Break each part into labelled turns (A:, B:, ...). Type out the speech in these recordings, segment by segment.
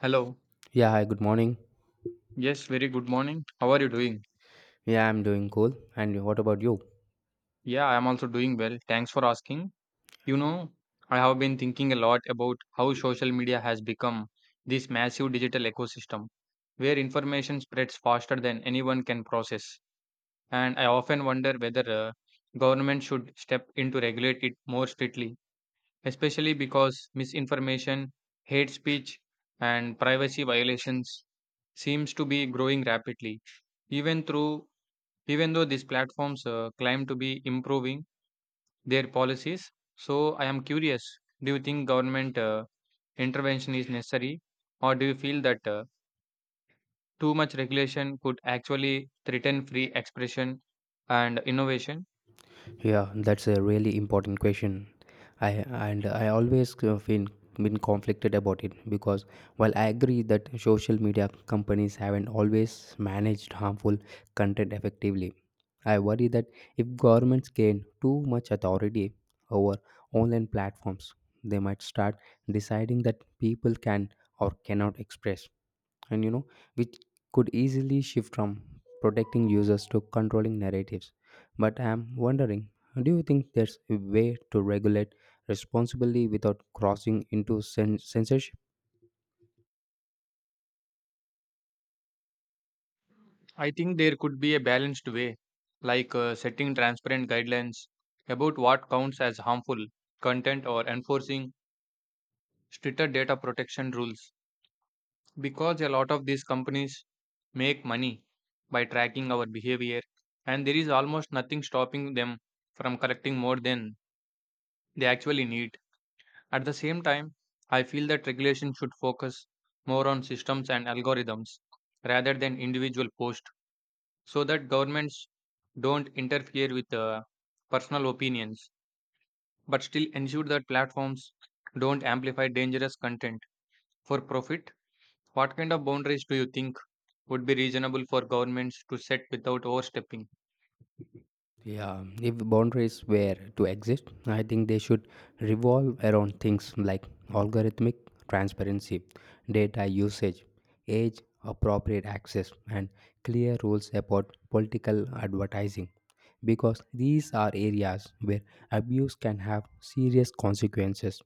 A: Hello.
B: Yeah, hi, good morning.
A: Yes, very good morning. How are you doing?
B: Yeah, I'm doing cool. And what about you?
A: Yeah, I am also doing well. Thanks for asking. You know, I have been thinking a lot about how social media has become this massive digital ecosystem where information spreads faster than anyone can process. And I often wonder whether government should step in to regulate it more strictly, especially because misinformation, hate speech, and privacy violations seems to be growing rapidly, even through even though these platforms claim to be improving their policies. So I am curious, do you think government intervention is necessary, or do you feel that too much regulation could actually threaten free expression and innovation?
B: Yeah, that's a really important question. I I always have been conflicted about it because while I agree that social media companies haven't always managed harmful content effectively, I worry that if governments gain too much authority over online platforms, they might start deciding that people can or cannot express, and which could easily shift from protecting users to controlling narratives. But I'm wondering, do you think there's a way to regulate responsibly without crossing into censorship?
A: I think there could be a balanced way, like, setting transparent guidelines about what counts as harmful content, or enforcing stricter data protection rules. Because a lot of these companies make money by tracking our behavior, and there is almost nothing stopping them from collecting more than they actually need. At the same time, I feel that regulation should focus more on systems and algorithms rather than individual posts, so that governments don't interfere with personal opinions but still ensure that platforms don't amplify dangerous content for profit. What kind of boundaries do you think would be reasonable for governments to set without overstepping?
B: Yeah, if boundaries were to exist, I think they should revolve around things like algorithmic transparency, data usage, age appropriate access, and clear rules about political advertising. Because these are areas where abuse can have serious consequences,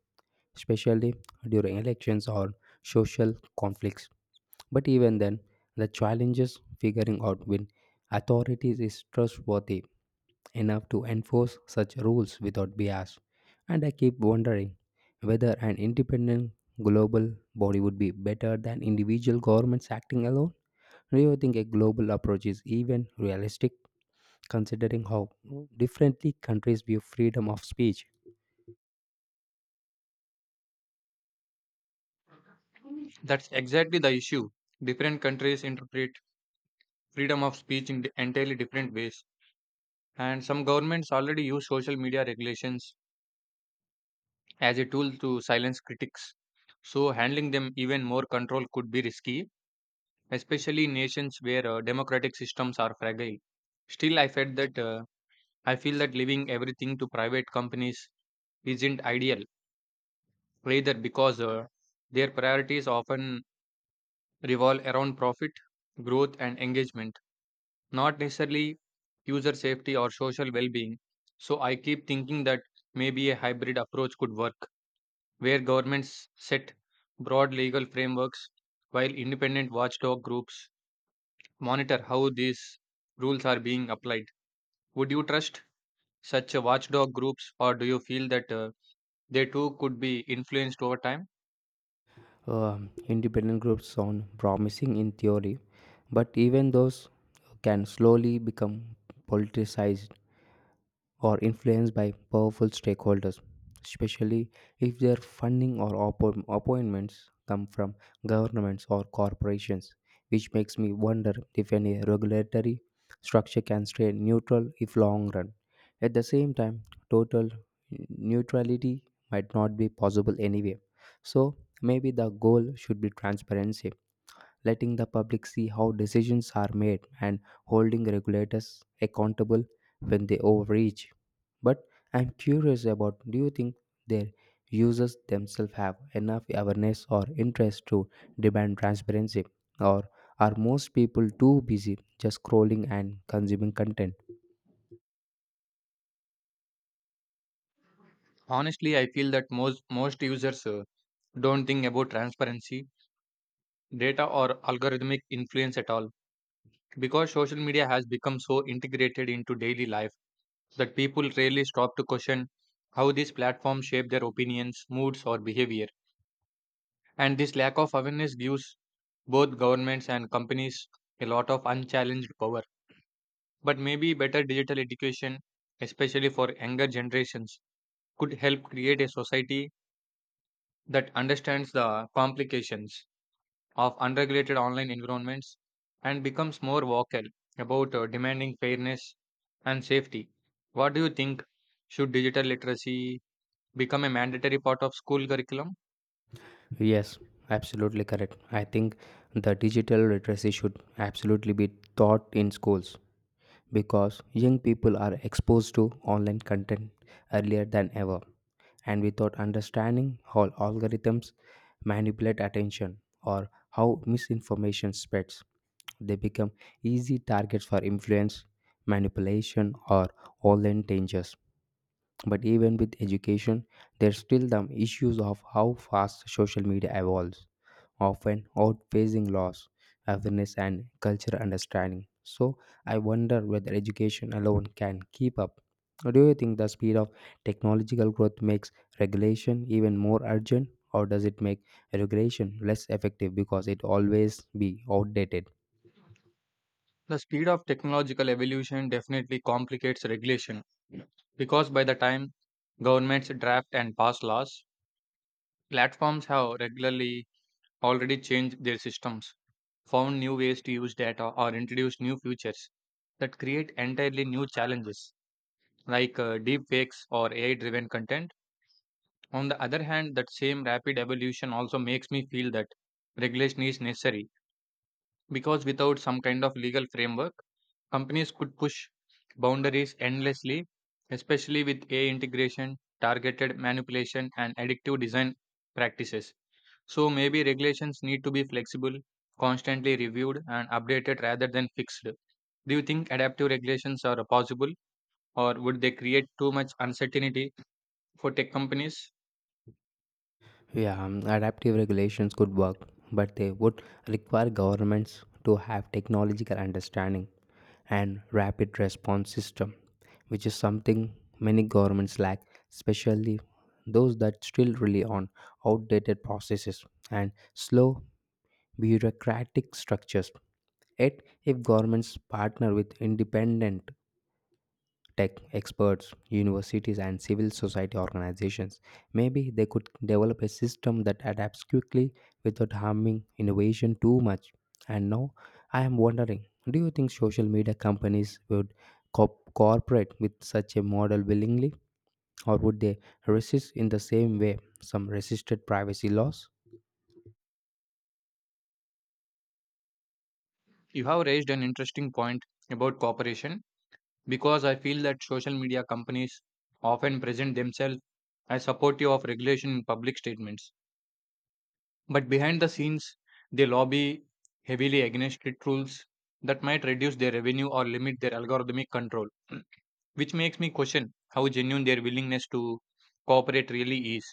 B: especially during elections or social conflicts. But even then, the challenges figuring out when authorities is trustworthy enough to enforce such rules without bias. And I keep wondering whether an independent global body would be better than individual governments acting alone. Do you think a global approach is even realistic, considering how differently countries view freedom of speech?
A: That's exactly the issue. Different countries interpret freedom of speech in entirely different ways, and some governments already use social media regulations as a tool to silence critics. So, handling them even more control could be risky, especially in nations where democratic systems are fragile. Still, I felt that I feel that leaving everything to private companies isn't ideal either, because their priorities often revolve around profit, growth, and engagement, not necessarily user safety or social well being. So I keep thinking that maybe a hybrid approach could work, where governments set broad legal frameworks while independent watchdog groups monitor how these rules are being applied. Would you trust such watchdog groups, or do you feel that they too could be influenced over time?
B: Independent groups sound promising in theory, but even those can slowly become politicized or influenced by powerful stakeholders, especially if their funding or appointments come from governments or corporations, which makes me wonder if any regulatory structure can stay neutral if long run. At the same time, total neutrality might not be possible anyway. So maybe the goal should be transparency, letting the public see how decisions are made and holding regulators accountable when they overreach. But I'm curious about, do you think their users themselves have enough awareness or interest to demand transparency, or are most people too busy just scrolling and consuming content?
A: Honestly, I feel that most users don't think about transparency data or algorithmic influence at all. Because social media has become so integrated into daily life that people rarely stop to question how these platforms shape their opinions, moods, or behavior. And this lack of awareness gives both governments and companies a lot of unchallenged power. But maybe better digital education, especially for younger generations, could help create a society that understands the complications of unregulated online environments and becomes more vocal about demanding fairness and safety. What do you think? Should digital literacy become a mandatory part of school curriculum?
B: Yes, absolutely correct. I think the digital literacy should absolutely be taught in schools because young people are exposed to online content earlier than ever, and without understanding how algorithms manipulate attention or how misinformation spreads, they become easy targets for influence, manipulation, or online dangers. But even with education, there's still the issues of how fast social media evolves, often outpacing laws, awareness, and cultural understanding. So, I wonder whether education alone can keep up. Or do you think the speed of technological growth makes regulation even more urgent, or does it make regulation less effective because it always be outdated?
A: The speed of technological evolution definitely complicates regulation because by the time governments draft and pass laws, platforms have regularly already changed their systems, found new ways to use data, or introduced new features that create entirely new challenges, like, deep fakes or AI driven content. On the other hand, that same rapid evolution also makes me feel that regulation is necessary, because without some kind of legal framework, companies could push boundaries endlessly, especially with AI integration, targeted manipulation, and addictive design practices. So maybe regulations need to be flexible, constantly reviewed, and updated rather than fixed. Do you think adaptive regulations are possible, or would they create too much uncertainty for tech companies?
B: Yeah, adaptive regulations could work, but they would require governments to have technological understanding and rapid response system, which is something many governments lack, especially those that still rely on outdated processes and slow bureaucratic structures. Yet, if governments partner with independent tech experts, universities, and civil society organizations, maybe they could develop a system that adapts quickly without harming innovation too much. And now I am wondering, do you think social media companies would cooperate with such a model willingly, or would they resist in the same way some resisted privacy laws?
A: You have raised an interesting point about cooperation, because I feel that social media companies often present themselves as supportive of regulation in public statements. But behind the scenes, they lobby heavily against strict rules that might reduce their revenue or limit their algorithmic control, which makes me question how genuine their willingness to cooperate really is.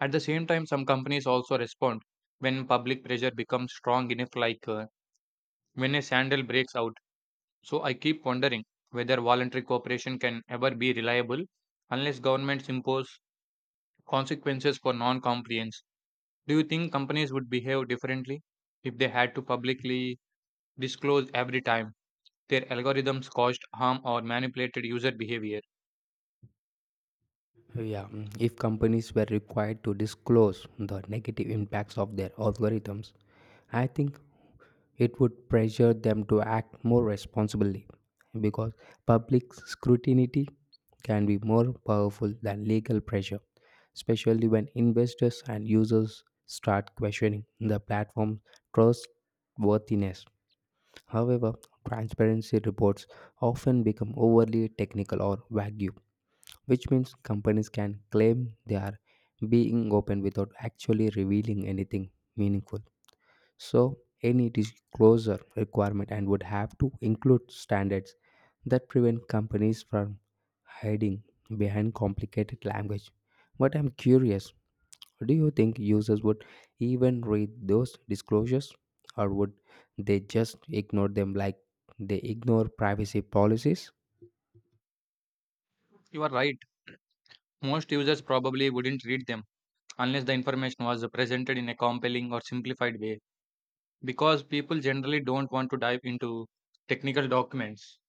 A: At the same time, some companies also respond when public pressure becomes strong enough, like, when a scandal breaks out. So I keep wondering whether voluntary cooperation can ever be reliable unless governments impose consequences for non compliance. Do you think companies would behave differently if they had to publicly disclose every time their algorithms caused harm or manipulated user behavior?
B: Yeah, if companies were required to disclose the negative impacts of their algorithms, I think it would pressure them to act more responsibly because public scrutiny can be more powerful than legal pressure, especially when investors and users start questioning the platform's trustworthiness. However, transparency reports often become overly technical or vague, which means companies can claim they are being open without actually revealing anything meaningful. So, any disclosure requirement and would have to include standards that prevent companies from hiding behind complicated language. But I'm curious, do you think users would even read those disclosures, or would they just ignore them like they ignore privacy policies?
A: You are right. Most users probably wouldn't read them unless the information was presented in a compelling or simplified way, because people generally don't want to dive into technical documents,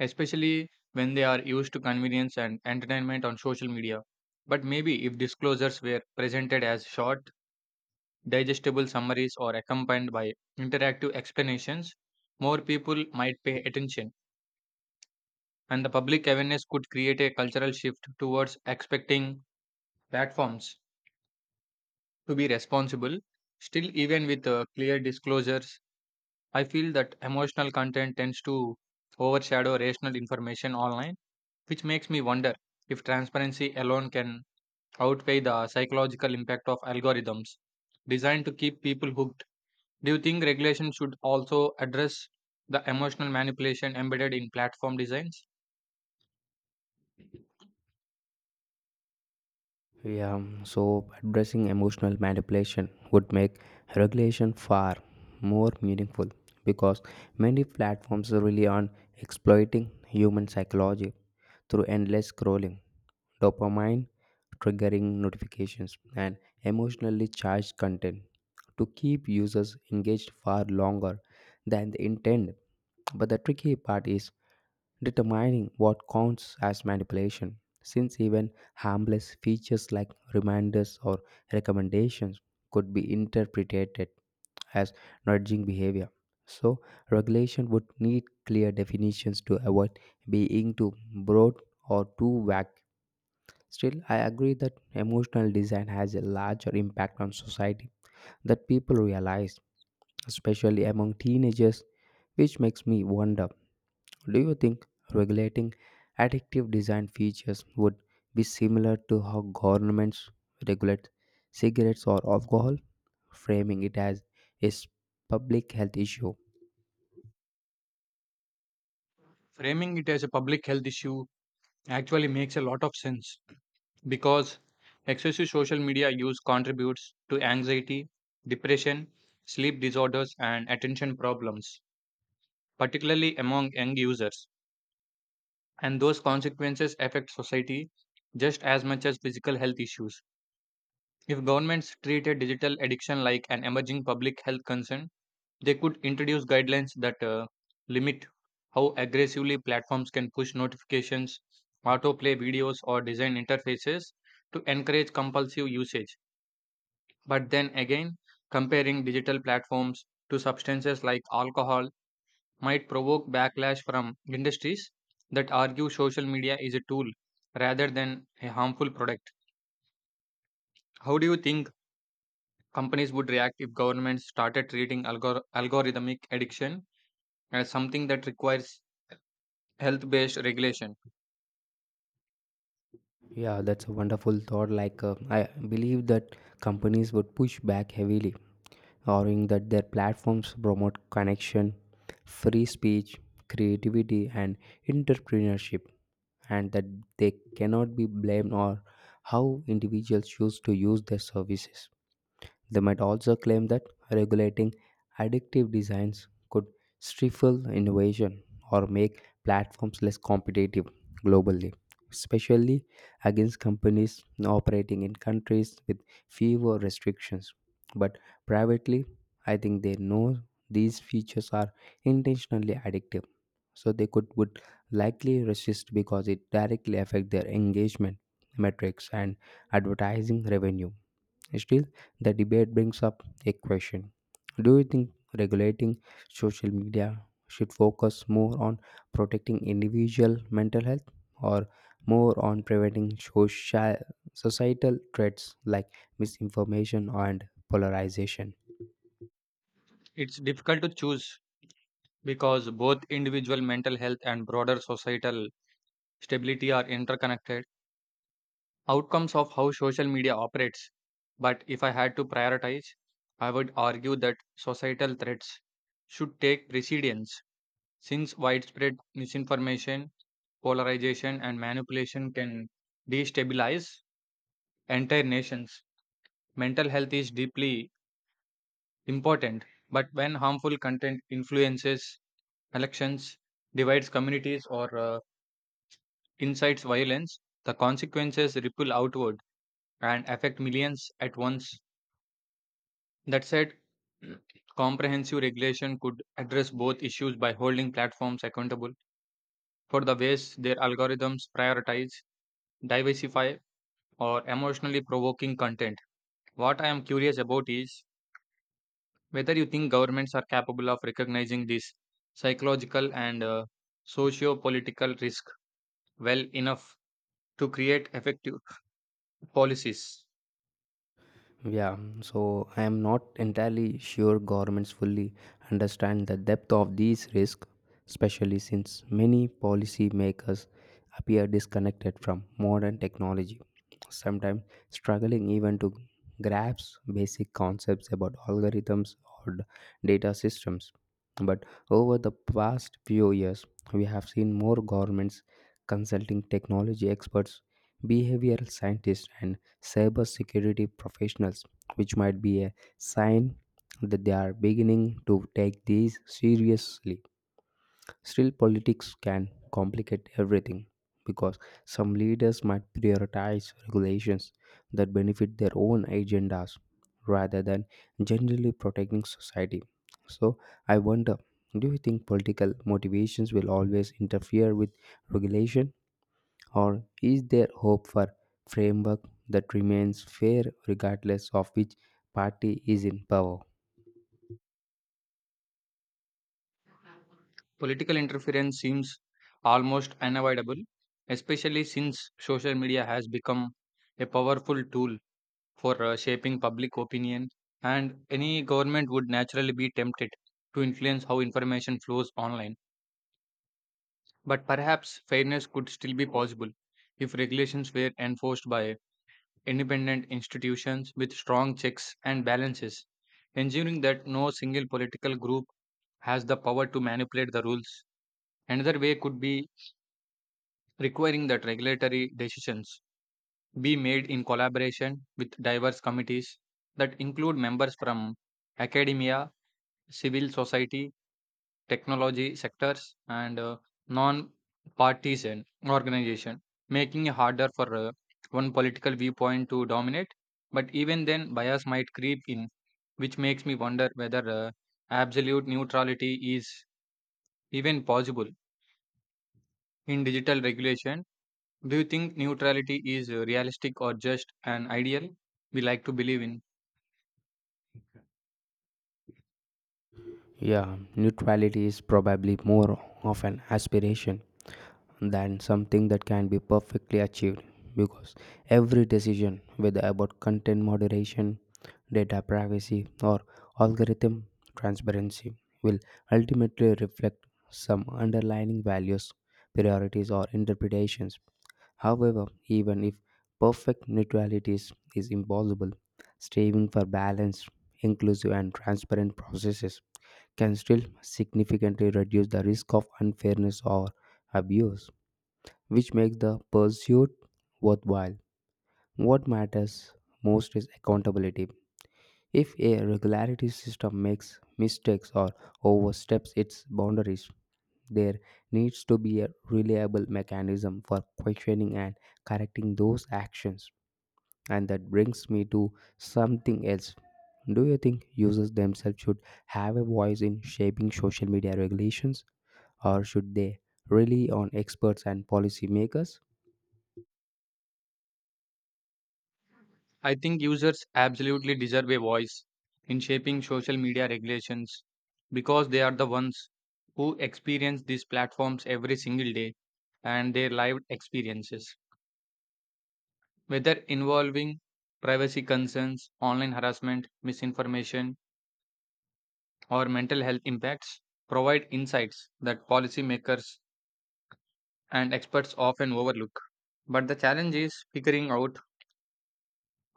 A: especially when they are used to convenience and entertainment on social media. But maybe if disclosures were presented as short, digestible summaries or accompanied by interactive explanations, more people might pay attention, and the public awareness could create a cultural shift towards expecting platforms to be responsible. Still, even with clear disclosures, I feel that emotional content tends to overshadow rational information online, which makes me wonder if transparency alone can outweigh the psychological impact of algorithms designed to keep people hooked. Do you think regulation should also address the emotional manipulation embedded in platform designs?
B: Yeah, so addressing emotional manipulation would make regulation far more meaningful because many platforms rely on exploiting human psychology through endless scrolling, dopamine triggering notifications, and emotionally charged content to keep users engaged far longer than they intend. But the tricky part is determining what counts as manipulation, since even harmless features like reminders or recommendations could be interpreted as nudging behavior. So, regulation would need clear definitions to avoid being too broad or too vague. Still, I agree that emotional design has a larger impact on society that people realize, especially among teenagers, which makes me wonder, do you think regulating addictive design features would be similar to how governments regulate cigarettes or alcohol, framing it as a public health issue?
A: Framing it as a public health issue actually makes a lot of sense, because excessive social media use contributes to anxiety, depression, sleep disorders, and attention problems, particularly among young users, and those consequences affect society just as much as physical health issues. If governments treated digital addiction like an emerging public health concern, they could introduce guidelines that limit how aggressively platforms can push notifications, autoplay videos, or design interfaces to encourage compulsive usage. But then again, comparing digital platforms to substances like alcohol might provoke backlash from industries that argue social media is a tool rather than a harmful product. How do you think companies would react if governments started treating algorithmic addiction as something that requires health based regulation?
B: Yeah, that's a wonderful thought. Like, I believe that companies would push back heavily, arguing that their platforms promote connection, free speech, creativity, and entrepreneurship, and that they cannot be blamed or how individuals choose to use their services. They might also claim that regulating addictive designs could stifle innovation or make platforms less competitive globally, especially against companies operating in countries with fewer restrictions. But privately, I think they know these features are intentionally addictive, so they could would likely resist because it directly affect their engagement metrics and advertising revenue. Still, the debate brings up a question, do you think regulating social media should focus more on protecting individual mental health or more on preventing social societal threats like misinformation and polarization?
A: It's difficult to choose, because both individual mental health and broader societal stability are interconnected outcomes of how social media operates. But if I had to prioritize, I would argue that societal threats should take precedence, since widespread misinformation, polarization, and manipulation can destabilize entire nations. Mental health is deeply important, but when harmful content influences elections, divides communities, or incites violence, the consequences ripple outward and affect millions at once. That said, comprehensive regulation could address both issues by holding platforms accountable for the ways their algorithms prioritize, diversify, or emotionally provoking content. What I am curious about is whether you think governments are capable of recognizing this psychological and socio political risk well enough to create effective policies.
B: Yeah, so I am not entirely sure governments fully understand the depth of these risks, especially since many policymakers appear disconnected from modern technology, sometimes struggling even to grasp basic concepts about algorithms or data systems. But over the past few years, we have seen more governments consulting technology experts, behavioral scientists, and cybersecurity professionals, which might be a sign that they are beginning to take these seriously. Still, politics can complicate everything because some leaders might prioritize regulations that benefit their own agendas rather than generally protecting society. So, I wonder, do you think political motivations will always interfere with regulation? Or is there hope for framework that remains fair regardless of which party is in power?
A: Political interference seems almost unavoidable, especially since social media has become a powerful tool for shaping public opinion, and any government would naturally be tempted to influence how information flows online. But perhaps fairness could still be possible if regulations were enforced by independent institutions with strong checks and balances, ensuring that no single political group has the power to manipulate the rules. Another way could be requiring that regulatory decisions be made in collaboration with diverse committees that include members from academia, civil society, technology sectors, and non partisan organization, making it harder for one political viewpoint to dominate. But even then, bias might creep in, which makes me wonder whether absolute neutrality is even possible in digital regulation. Do you think neutrality is realistic, or just an ideal we like to believe in?
B: Yeah, neutrality is probably more of an aspiration than something that can be perfectly achieved because every decision, whether about content moderation, data privacy, or algorithm transparency, will ultimately reflect some underlying values, priorities, or interpretations. However, even if perfect neutrality is impossible, striving for balanced, inclusive, and transparent processes can still significantly reduce the risk of unfairness or abuse, which makes the pursuit worthwhile. What matters most is accountability. If a regularity system makes mistakes or oversteps its boundaries, there needs to be a reliable mechanism for questioning and correcting those actions. And that brings me to something else. Do you think users themselves should have a voice in shaping social media regulations, or should they rely on experts and policymakers?
A: I think users absolutely deserve a voice in shaping social media regulations, because they are the ones who experience these platforms every single day, and their lived experiences, whether involving privacy concerns, online harassment, misinformation, or mental health impacts, provide insights that policymakers and experts often overlook. But the challenge is figuring out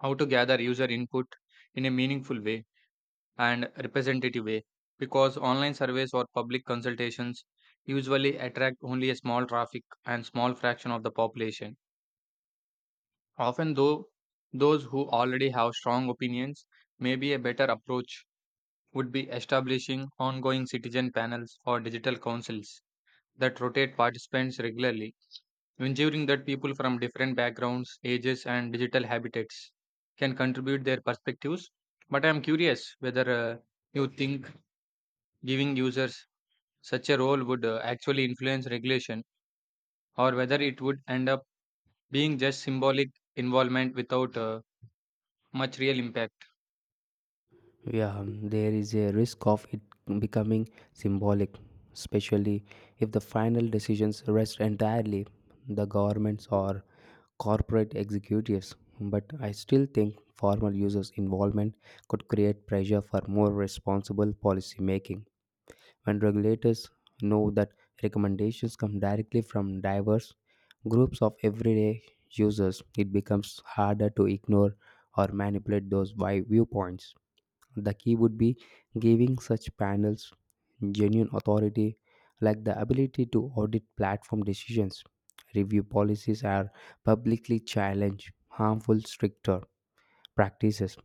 A: how to gather user input in a meaningful way and representative way, because online surveys or public consultations usually attract only a small traffic and small fraction of the population, often though those who already have strong opinions. Maybe a better approach would be establishing ongoing citizen panels or digital councils that rotate participants regularly, ensuring that people from different backgrounds, ages, and digital habitats can contribute their perspectives. But I am curious whether you think giving users such a role would actually influence regulation, or whether it would end up being just symbolic involvement without much real impact.
B: Yeah, there is a risk of it becoming symbolic, especially if the final decisions rest entirely the governments or corporate executives. But I still think formal users' involvement could create pressure for more responsible policy making. When regulators know that recommendations come directly from diverse groups of everyday users, it becomes harder to ignore or manipulate those viewpoints. The key would be giving such panels genuine authority, like the ability to audit platform decisions, review policies, or publicly challenge harmful stricter practices.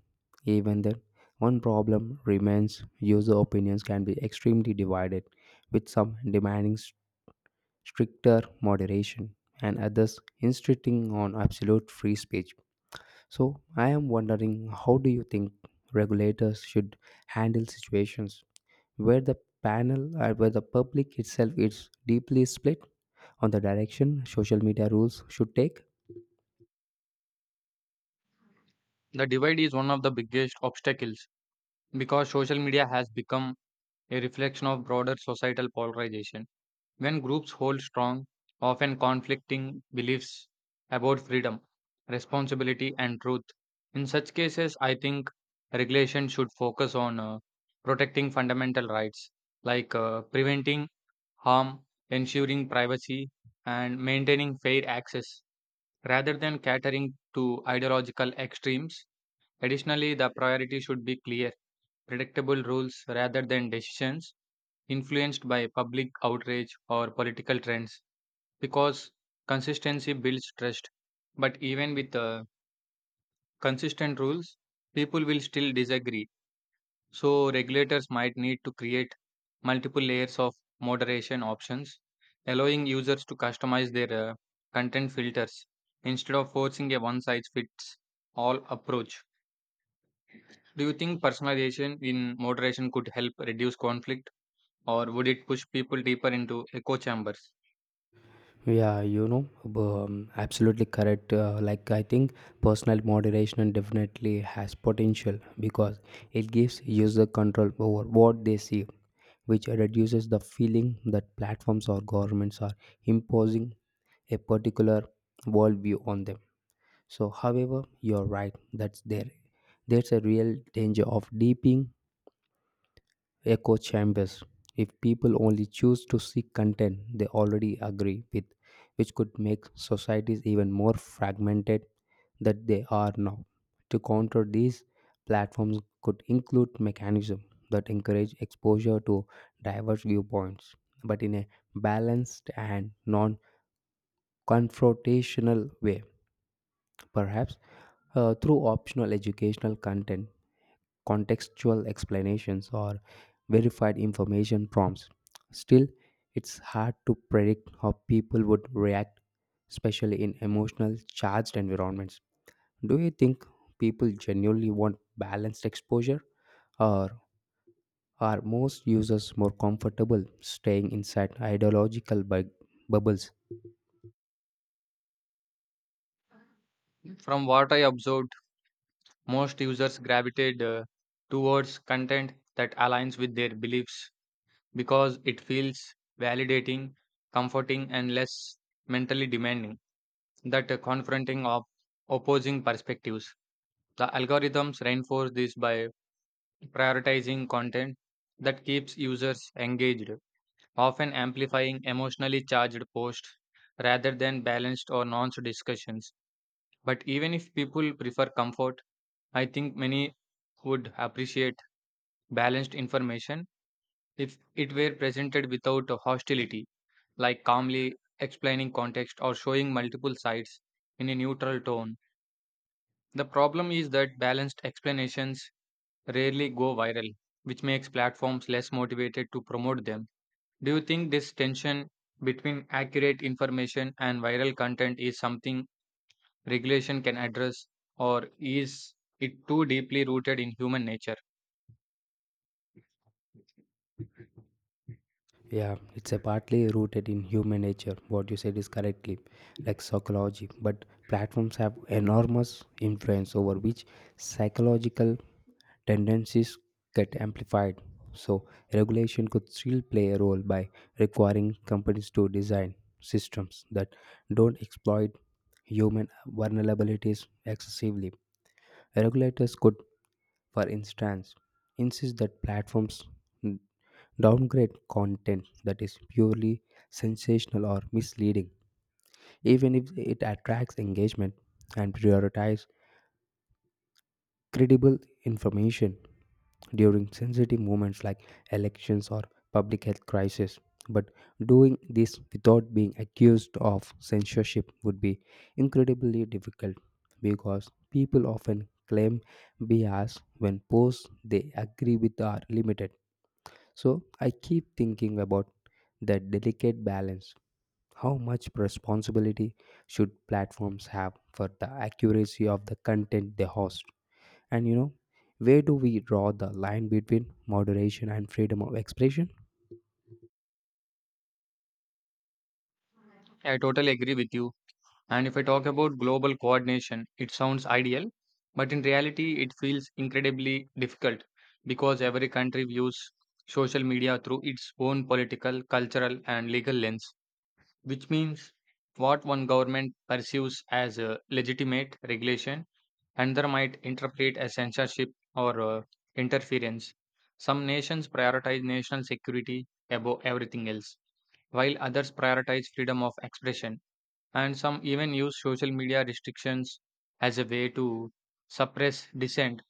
B: Even then, one problem remains: user opinions can be extremely divided, with some demanding stricter moderation and others insisting on absolute free speech. So, I am wondering, how do you think regulators should handle situations where the panel or where the public itself is deeply split on the direction social media rules should take?
A: The divide is one of the biggest obstacles, because social media has become a reflection of broader societal polarization, when groups hold strong, often conflicting beliefs about freedom, responsibility, and truth. In such cases, I think regulation should focus on protecting fundamental rights, like, preventing harm, ensuring privacy, and maintaining fair access rather than catering to ideological extremes. Additionally, the priority should be clear, predictable rules rather than decisions influenced by public outrage or political trends, because consistency builds trust. But even with consistent rules, people will still disagree. So, regulators might need to create multiple layers of moderation options, allowing users to customize their content filters instead of forcing a one size fits all approach. Do you think personalization in moderation could help reduce conflict, or would it push people deeper into echo chambers?
B: Yeah, you know, absolutely correct. Like, I think personal moderation definitely has potential because it gives user control over what they see, which reduces the feeling that platforms or governments are imposing a particular worldview on them. So, however, you're right that's there. There's a real danger of deeping echo chambers if people only choose to seek content they already agree with, which could make societies even more fragmented than they are now. To counter these, platforms could include mechanisms that encourage exposure to diverse viewpoints, but in a balanced and non confrontational way, perhaps through optional educational content, contextual explanations, or verified information prompts. Still, it's hard to predict how people would react, especially in emotional charged environments. Do you think people genuinely want balanced exposure, or are most users more comfortable staying inside ideological bubbles?
A: From what I observed, most users gravitate towards content that aligns with their beliefs because it feels validating, comforting, and less mentally demanding that confronting of opposing perspectives. The algorithms reinforce this by prioritizing content that keeps users engaged, often amplifying emotionally charged posts rather than balanced or nuanced discussions. But even if people prefer comfort, I think many would appreciate balanced information if it were presented without hostility, like calmly explaining context or showing multiple sides in a neutral tone. The problem is that balanced explanations rarely go viral, which makes platforms less motivated to promote them. Do you think this tension between accurate information and viral content is something regulation can address, or is it too deeply rooted in human nature?
B: Yeah, it's a partly rooted in human nature. What you said is correctly, like psychology. But platforms have enormous influence over which psychological tendencies get amplified. So regulation could still play a role by requiring companies to design systems that don't exploit human vulnerabilities excessively. Regulators could, for instance, insist that platforms downgrade content that is purely sensational or misleading, even if it attracts engagement, and prioritize credible information during sensitive moments like elections or public health crisis. But doing this without being accused of censorship would be incredibly difficult because people often claim bias when posts they agree with are limited. So I keep thinking about that delicate balance. How much responsibility should platforms have for the accuracy of the content they host? And you know, where do we draw the line between moderation and freedom of expression?
A: I totally agree with you. And if I talk about global coordination, it sounds ideal, but in reality, it feels incredibly difficult because every country views social media through its own political, cultural, and legal lens, which means what one government perceives as a legitimate regulation, another might interpret as censorship or interference. Some nations prioritize national security above everything else, while others prioritize freedom of expression. And some even use social media restrictions as a way to suppress dissent.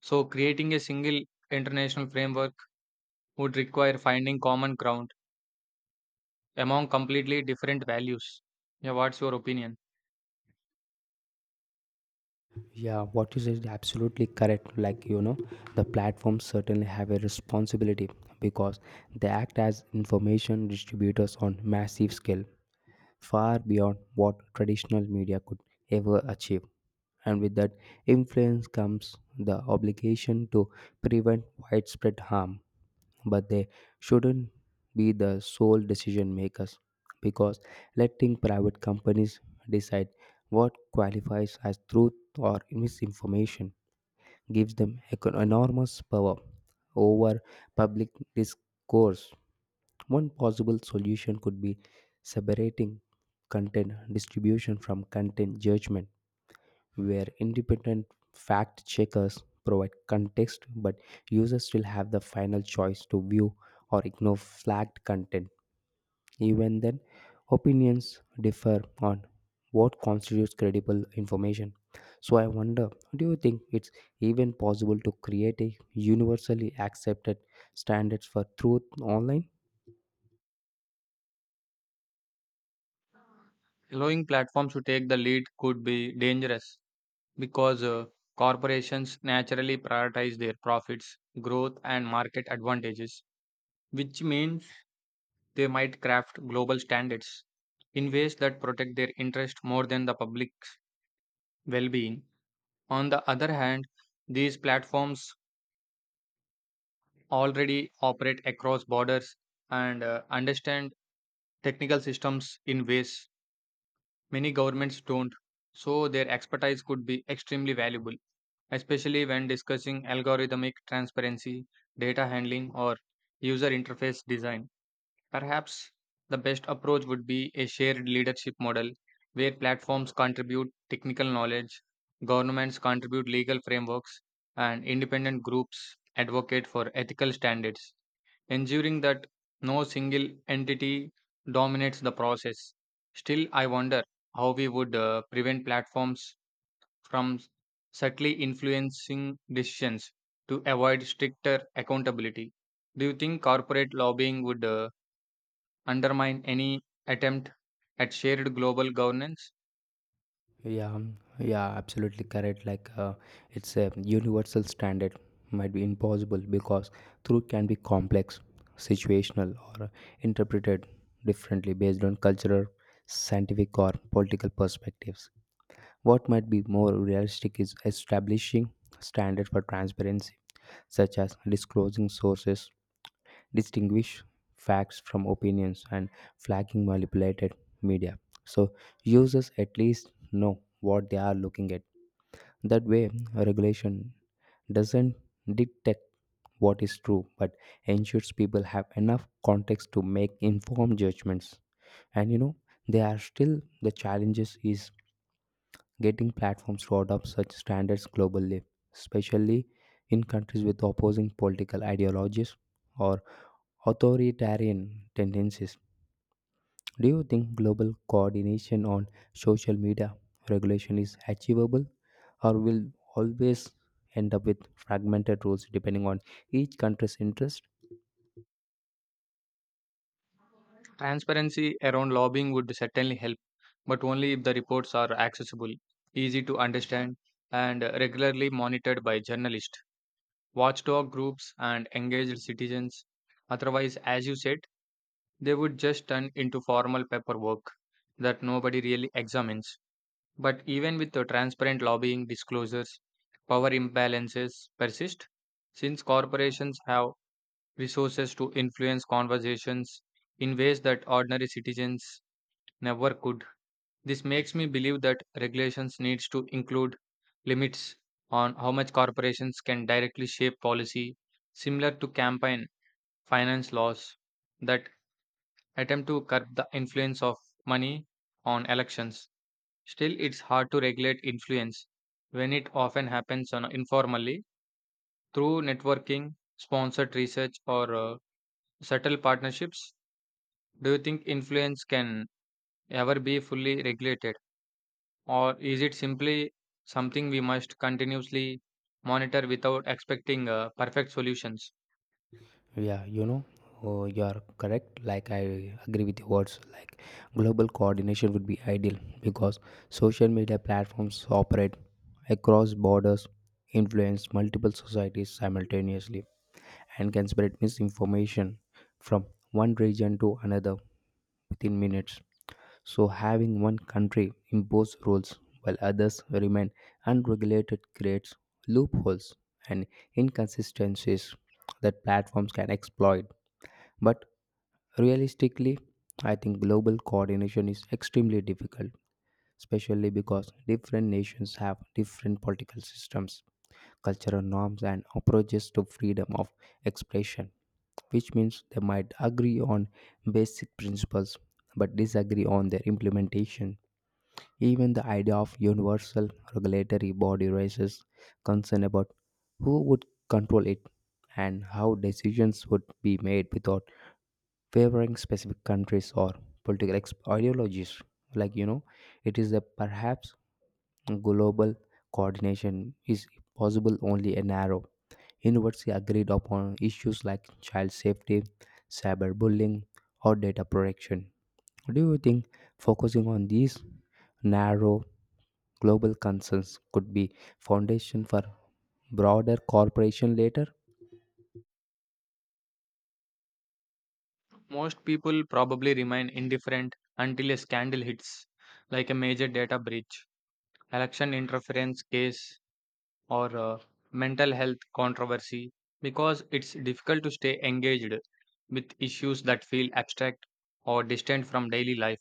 A: So, creating a single international framework would require finding common ground among completely different values. Yeah, what's your opinion?
B: Yeah, what you said is absolutely correct. The platforms certainly have a responsibility because they act as information distributors on massive scale, far beyond what traditional media could ever achieve. And with that influence comes the obligation to prevent widespread harm, but they shouldn't be the sole decision makers because letting private companies decide what qualifies as truth or misinformation gives them enormous power over public discourse. One possible solution could be separating content distribution from content judgment, where independent fact checkers provide context but users still have the final choice to view or ignore flagged content. Even then, opinions differ on what constitutes credible information. So, I wonder, do you think it's even possible to create a universally accepted standards for truth online?
A: Allowing platforms to take the lead could be dangerous because corporations naturally prioritize their profits, growth, and market advantages, which means they might craft global standards in ways that protect their interest more than the public's well being. On the other hand, these platforms already operate across borders and understand technical systems in ways many governments don't, so their expertise could be extremely valuable, especially when discussing algorithmic transparency, data handling, or user interface design. Perhaps the best approach would be a shared leadership model where platforms contribute technical knowledge, governments contribute legal frameworks, and independent groups advocate for ethical standards, ensuring that no single entity dominates the process. Still, I wonder how we would prevent platforms from subtly influencing decisions to avoid stricter accountability. Do you think corporate lobbying would undermine any attempt at shared global governance?
B: Yeah, absolutely correct. It's a universal standard might be impossible because truth can be complex, situational, or interpreted differently based on cultural, scientific, or political perspectives. What might be more realistic is establishing standards for transparency, such as disclosing sources, distinguish facts from opinions, and flagging manipulated media. So users at least know what they are looking at. That way, regulation doesn't detect what is true but ensures people have enough context to make informed judgments. And you know There are still the challenges is getting platforms to adopt such standards globally, especially in countries with opposing political ideologies or authoritarian tendencies. Do you think global coordination on social media regulation is achievable or will always end up with fragmented rules depending on each country's interest?
A: Transparency around lobbying would certainly help, but only if the reports are accessible, easy to understand, and regularly monitored by journalists, watchdog groups, and engaged citizens. Otherwise, as you said, they would just turn into formal paperwork that nobody really examines. But even with the transparent lobbying disclosures, power imbalances persist since corporations have resources to influence conversations in ways that ordinary citizens never could. This makes me believe that regulations needs to include limits on how much corporations can directly shape policy, similar to campaign finance laws that attempt to curb the influence of money on elections. Still, it's hard to regulate influence when it often happens on informally through networking, sponsored research, or subtle partnerships. Do you think influence can ever be fully regulated, or is it simply something we must continuously monitor without expecting perfect solutions?
B: Yeah, you know, oh, you are correct. Like, I agree with your words. Like, global coordination would be ideal because social media platforms operate across borders, influence multiple societies simultaneously, and can spread misinformation from one region to another within minutes. So, having one country impose rules while others remain unregulated creates loopholes and inconsistencies that platforms can exploit, but realistically, I think global coordination is extremely difficult, especially because different nations have different political systems, cultural norms, and approaches to freedom of expression, which means they might agree on basic principles but disagree on their implementation. Even the idea of universal regulatory body raises concern about who would control it and how decisions would be made without favoring specific countries or political ideologies. like you know it is that perhaps global coordination is possible only a narrow university agreed upon issues like child safety, cyberbullying, or data protection. Do you think focusing on these narrow global concerns could be foundation for broader cooperation later?
A: Most people probably remain indifferent until a scandal hits, like a major data breach, election interference case, or mental health controversy because it's difficult to stay engaged with issues that feel abstract or distant from daily life.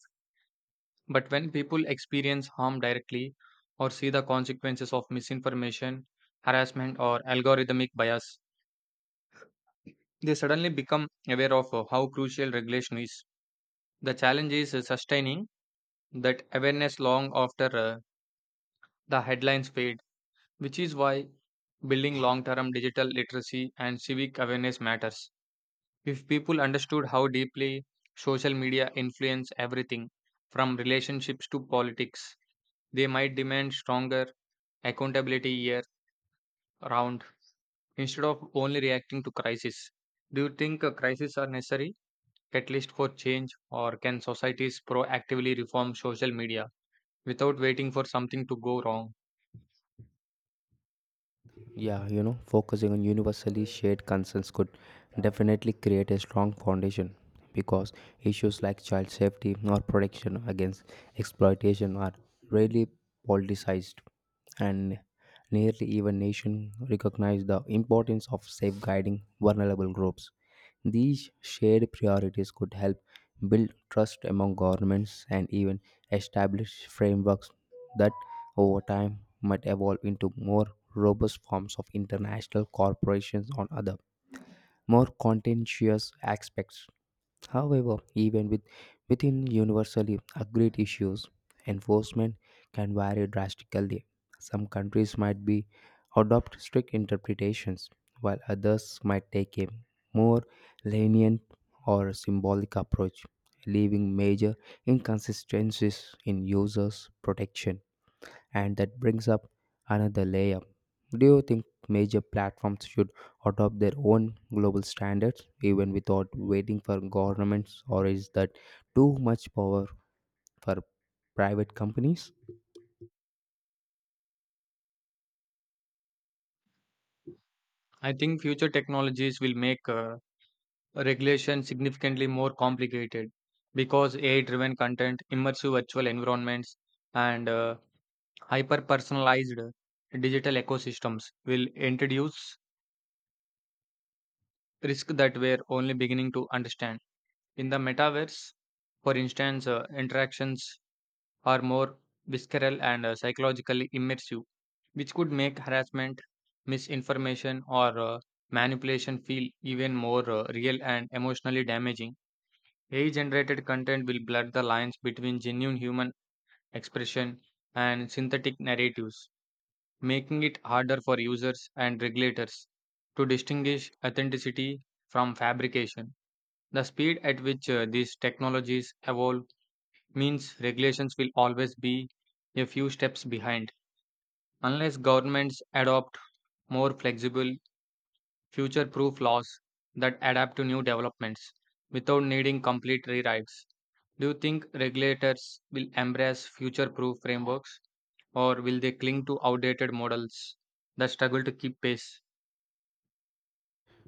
A: But when people experience harm directly or see the consequences of misinformation, harassment, or algorithmic bias, they suddenly become aware of how crucial regulation is. The challenge is sustaining that awareness long after the headlines fade, which is why building long term digital literacy and civic awareness matters. If people understood how deeply social media influence everything from relationships to politics, they might demand stronger accountability year round instead of only reacting to crisis. Do you think a crisis are necessary at least for change, or can societies proactively reform social media without waiting for something to go wrong?
B: Yeah, you know, focusing on universally shared concerns could definitely create a strong foundation because issues like child safety or protection against exploitation are rarely politicized, and nearly even nation recognize the importance of safeguarding vulnerable groups. These shared priorities could help build trust among governments and even establish frameworks that over time might evolve into more robust forms of international corporations on other more contentious aspects. However, within universally agreed issues, enforcement can vary drastically. Some countries might be adopt strict interpretations, while others might take a more lenient or symbolic approach, leaving major inconsistencies in users' protection. And that brings up another layer. Do you think major platforms should adopt their own global standards even without waiting for governments, or is that too much power for private companies?
A: I think future technologies will make regulation significantly more complicated because AI driven content, immersive virtual environments, and hyper personalized digital ecosystems will introduce risks that we're only beginning to understand. In the metaverse, for instance, interactions are more visceral and psychologically immersive, which could make harassment, misinformation, or manipulation feel even more real and emotionally damaging. AI generated content will blur the lines between genuine human expression and synthetic narratives, making it harder for users and regulators to distinguish authenticity from fabrication. The speed at which these technologies evolve means regulations will always be a few steps behind unless governments adopt more flexible future proof laws that adapt to new developments without needing complete rewrites. Do you think regulators will embrace future proof frameworks, or will they cling to outdated models that struggle to keep pace?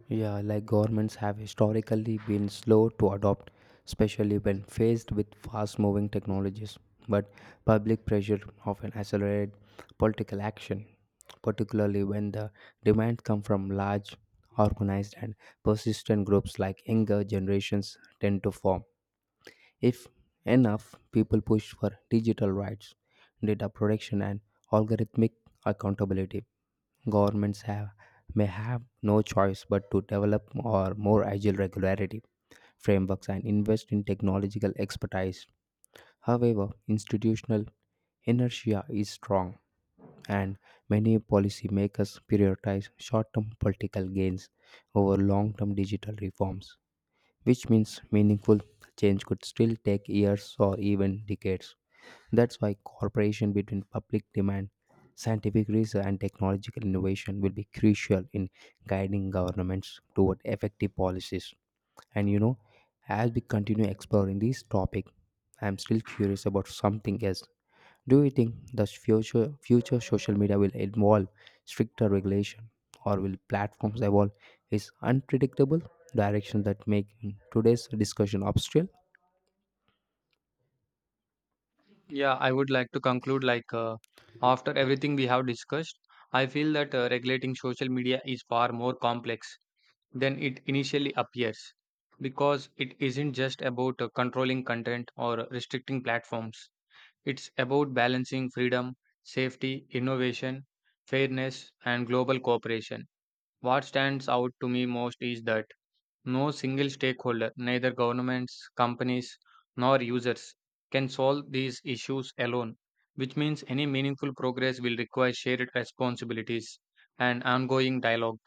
B: Yeah, like governments have historically been slow to adopt, especially when faced with fast moving technologies. But public pressure often accelerates political action, particularly when the demands come from large, organized, and persistent groups like younger generations tend to form. If enough people push for digital rights, data protection, and algorithmic accountability, Governments have, may have no choice but to develop or more agile regularity frameworks and invest in technological expertise. However, institutional inertia is strong, and many policymakers prioritize short term political gains over long term digital reforms, which means meaningful change could still take years or even decades. That's why cooperation between public demand, scientific research, and technological innovation will be crucial in guiding governments toward effective policies. And you know, as we continue exploring this topic, I'm still curious about something else. Do you think the future social media will involve stricter regulation, or will platforms evolve its unpredictable direction that make today's discussion obstacle?
A: Yeah, I would like to conclude like after everything we have discussed, I feel that regulating social media is far more complex than it initially appears because it isn't just about controlling content or restricting platforms. It's about balancing freedom, safety, innovation, fairness, and global cooperation. What stands out to me most is that no single stakeholder, neither governments, companies, nor users, can solve these issues alone, which means any meaningful progress will require shared responsibilities and ongoing dialogue.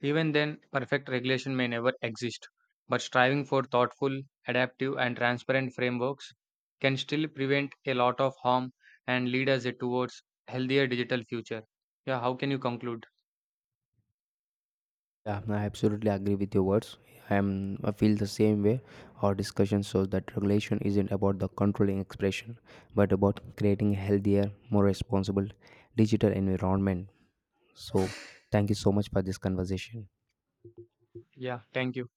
A: Even then, perfect regulation may never exist, but striving for thoughtful, adaptive, and transparent frameworks can still prevent a lot of harm and lead us towards healthier digital future. Yeah, how can you conclude?
B: Yeah, I absolutely agree with your words. I feel the same way. Our discussion shows that regulation isn't about the controlling expression, but about creating a healthier, more responsible digital environment. So, thank you so much for this conversation.
A: Yeah, thank you.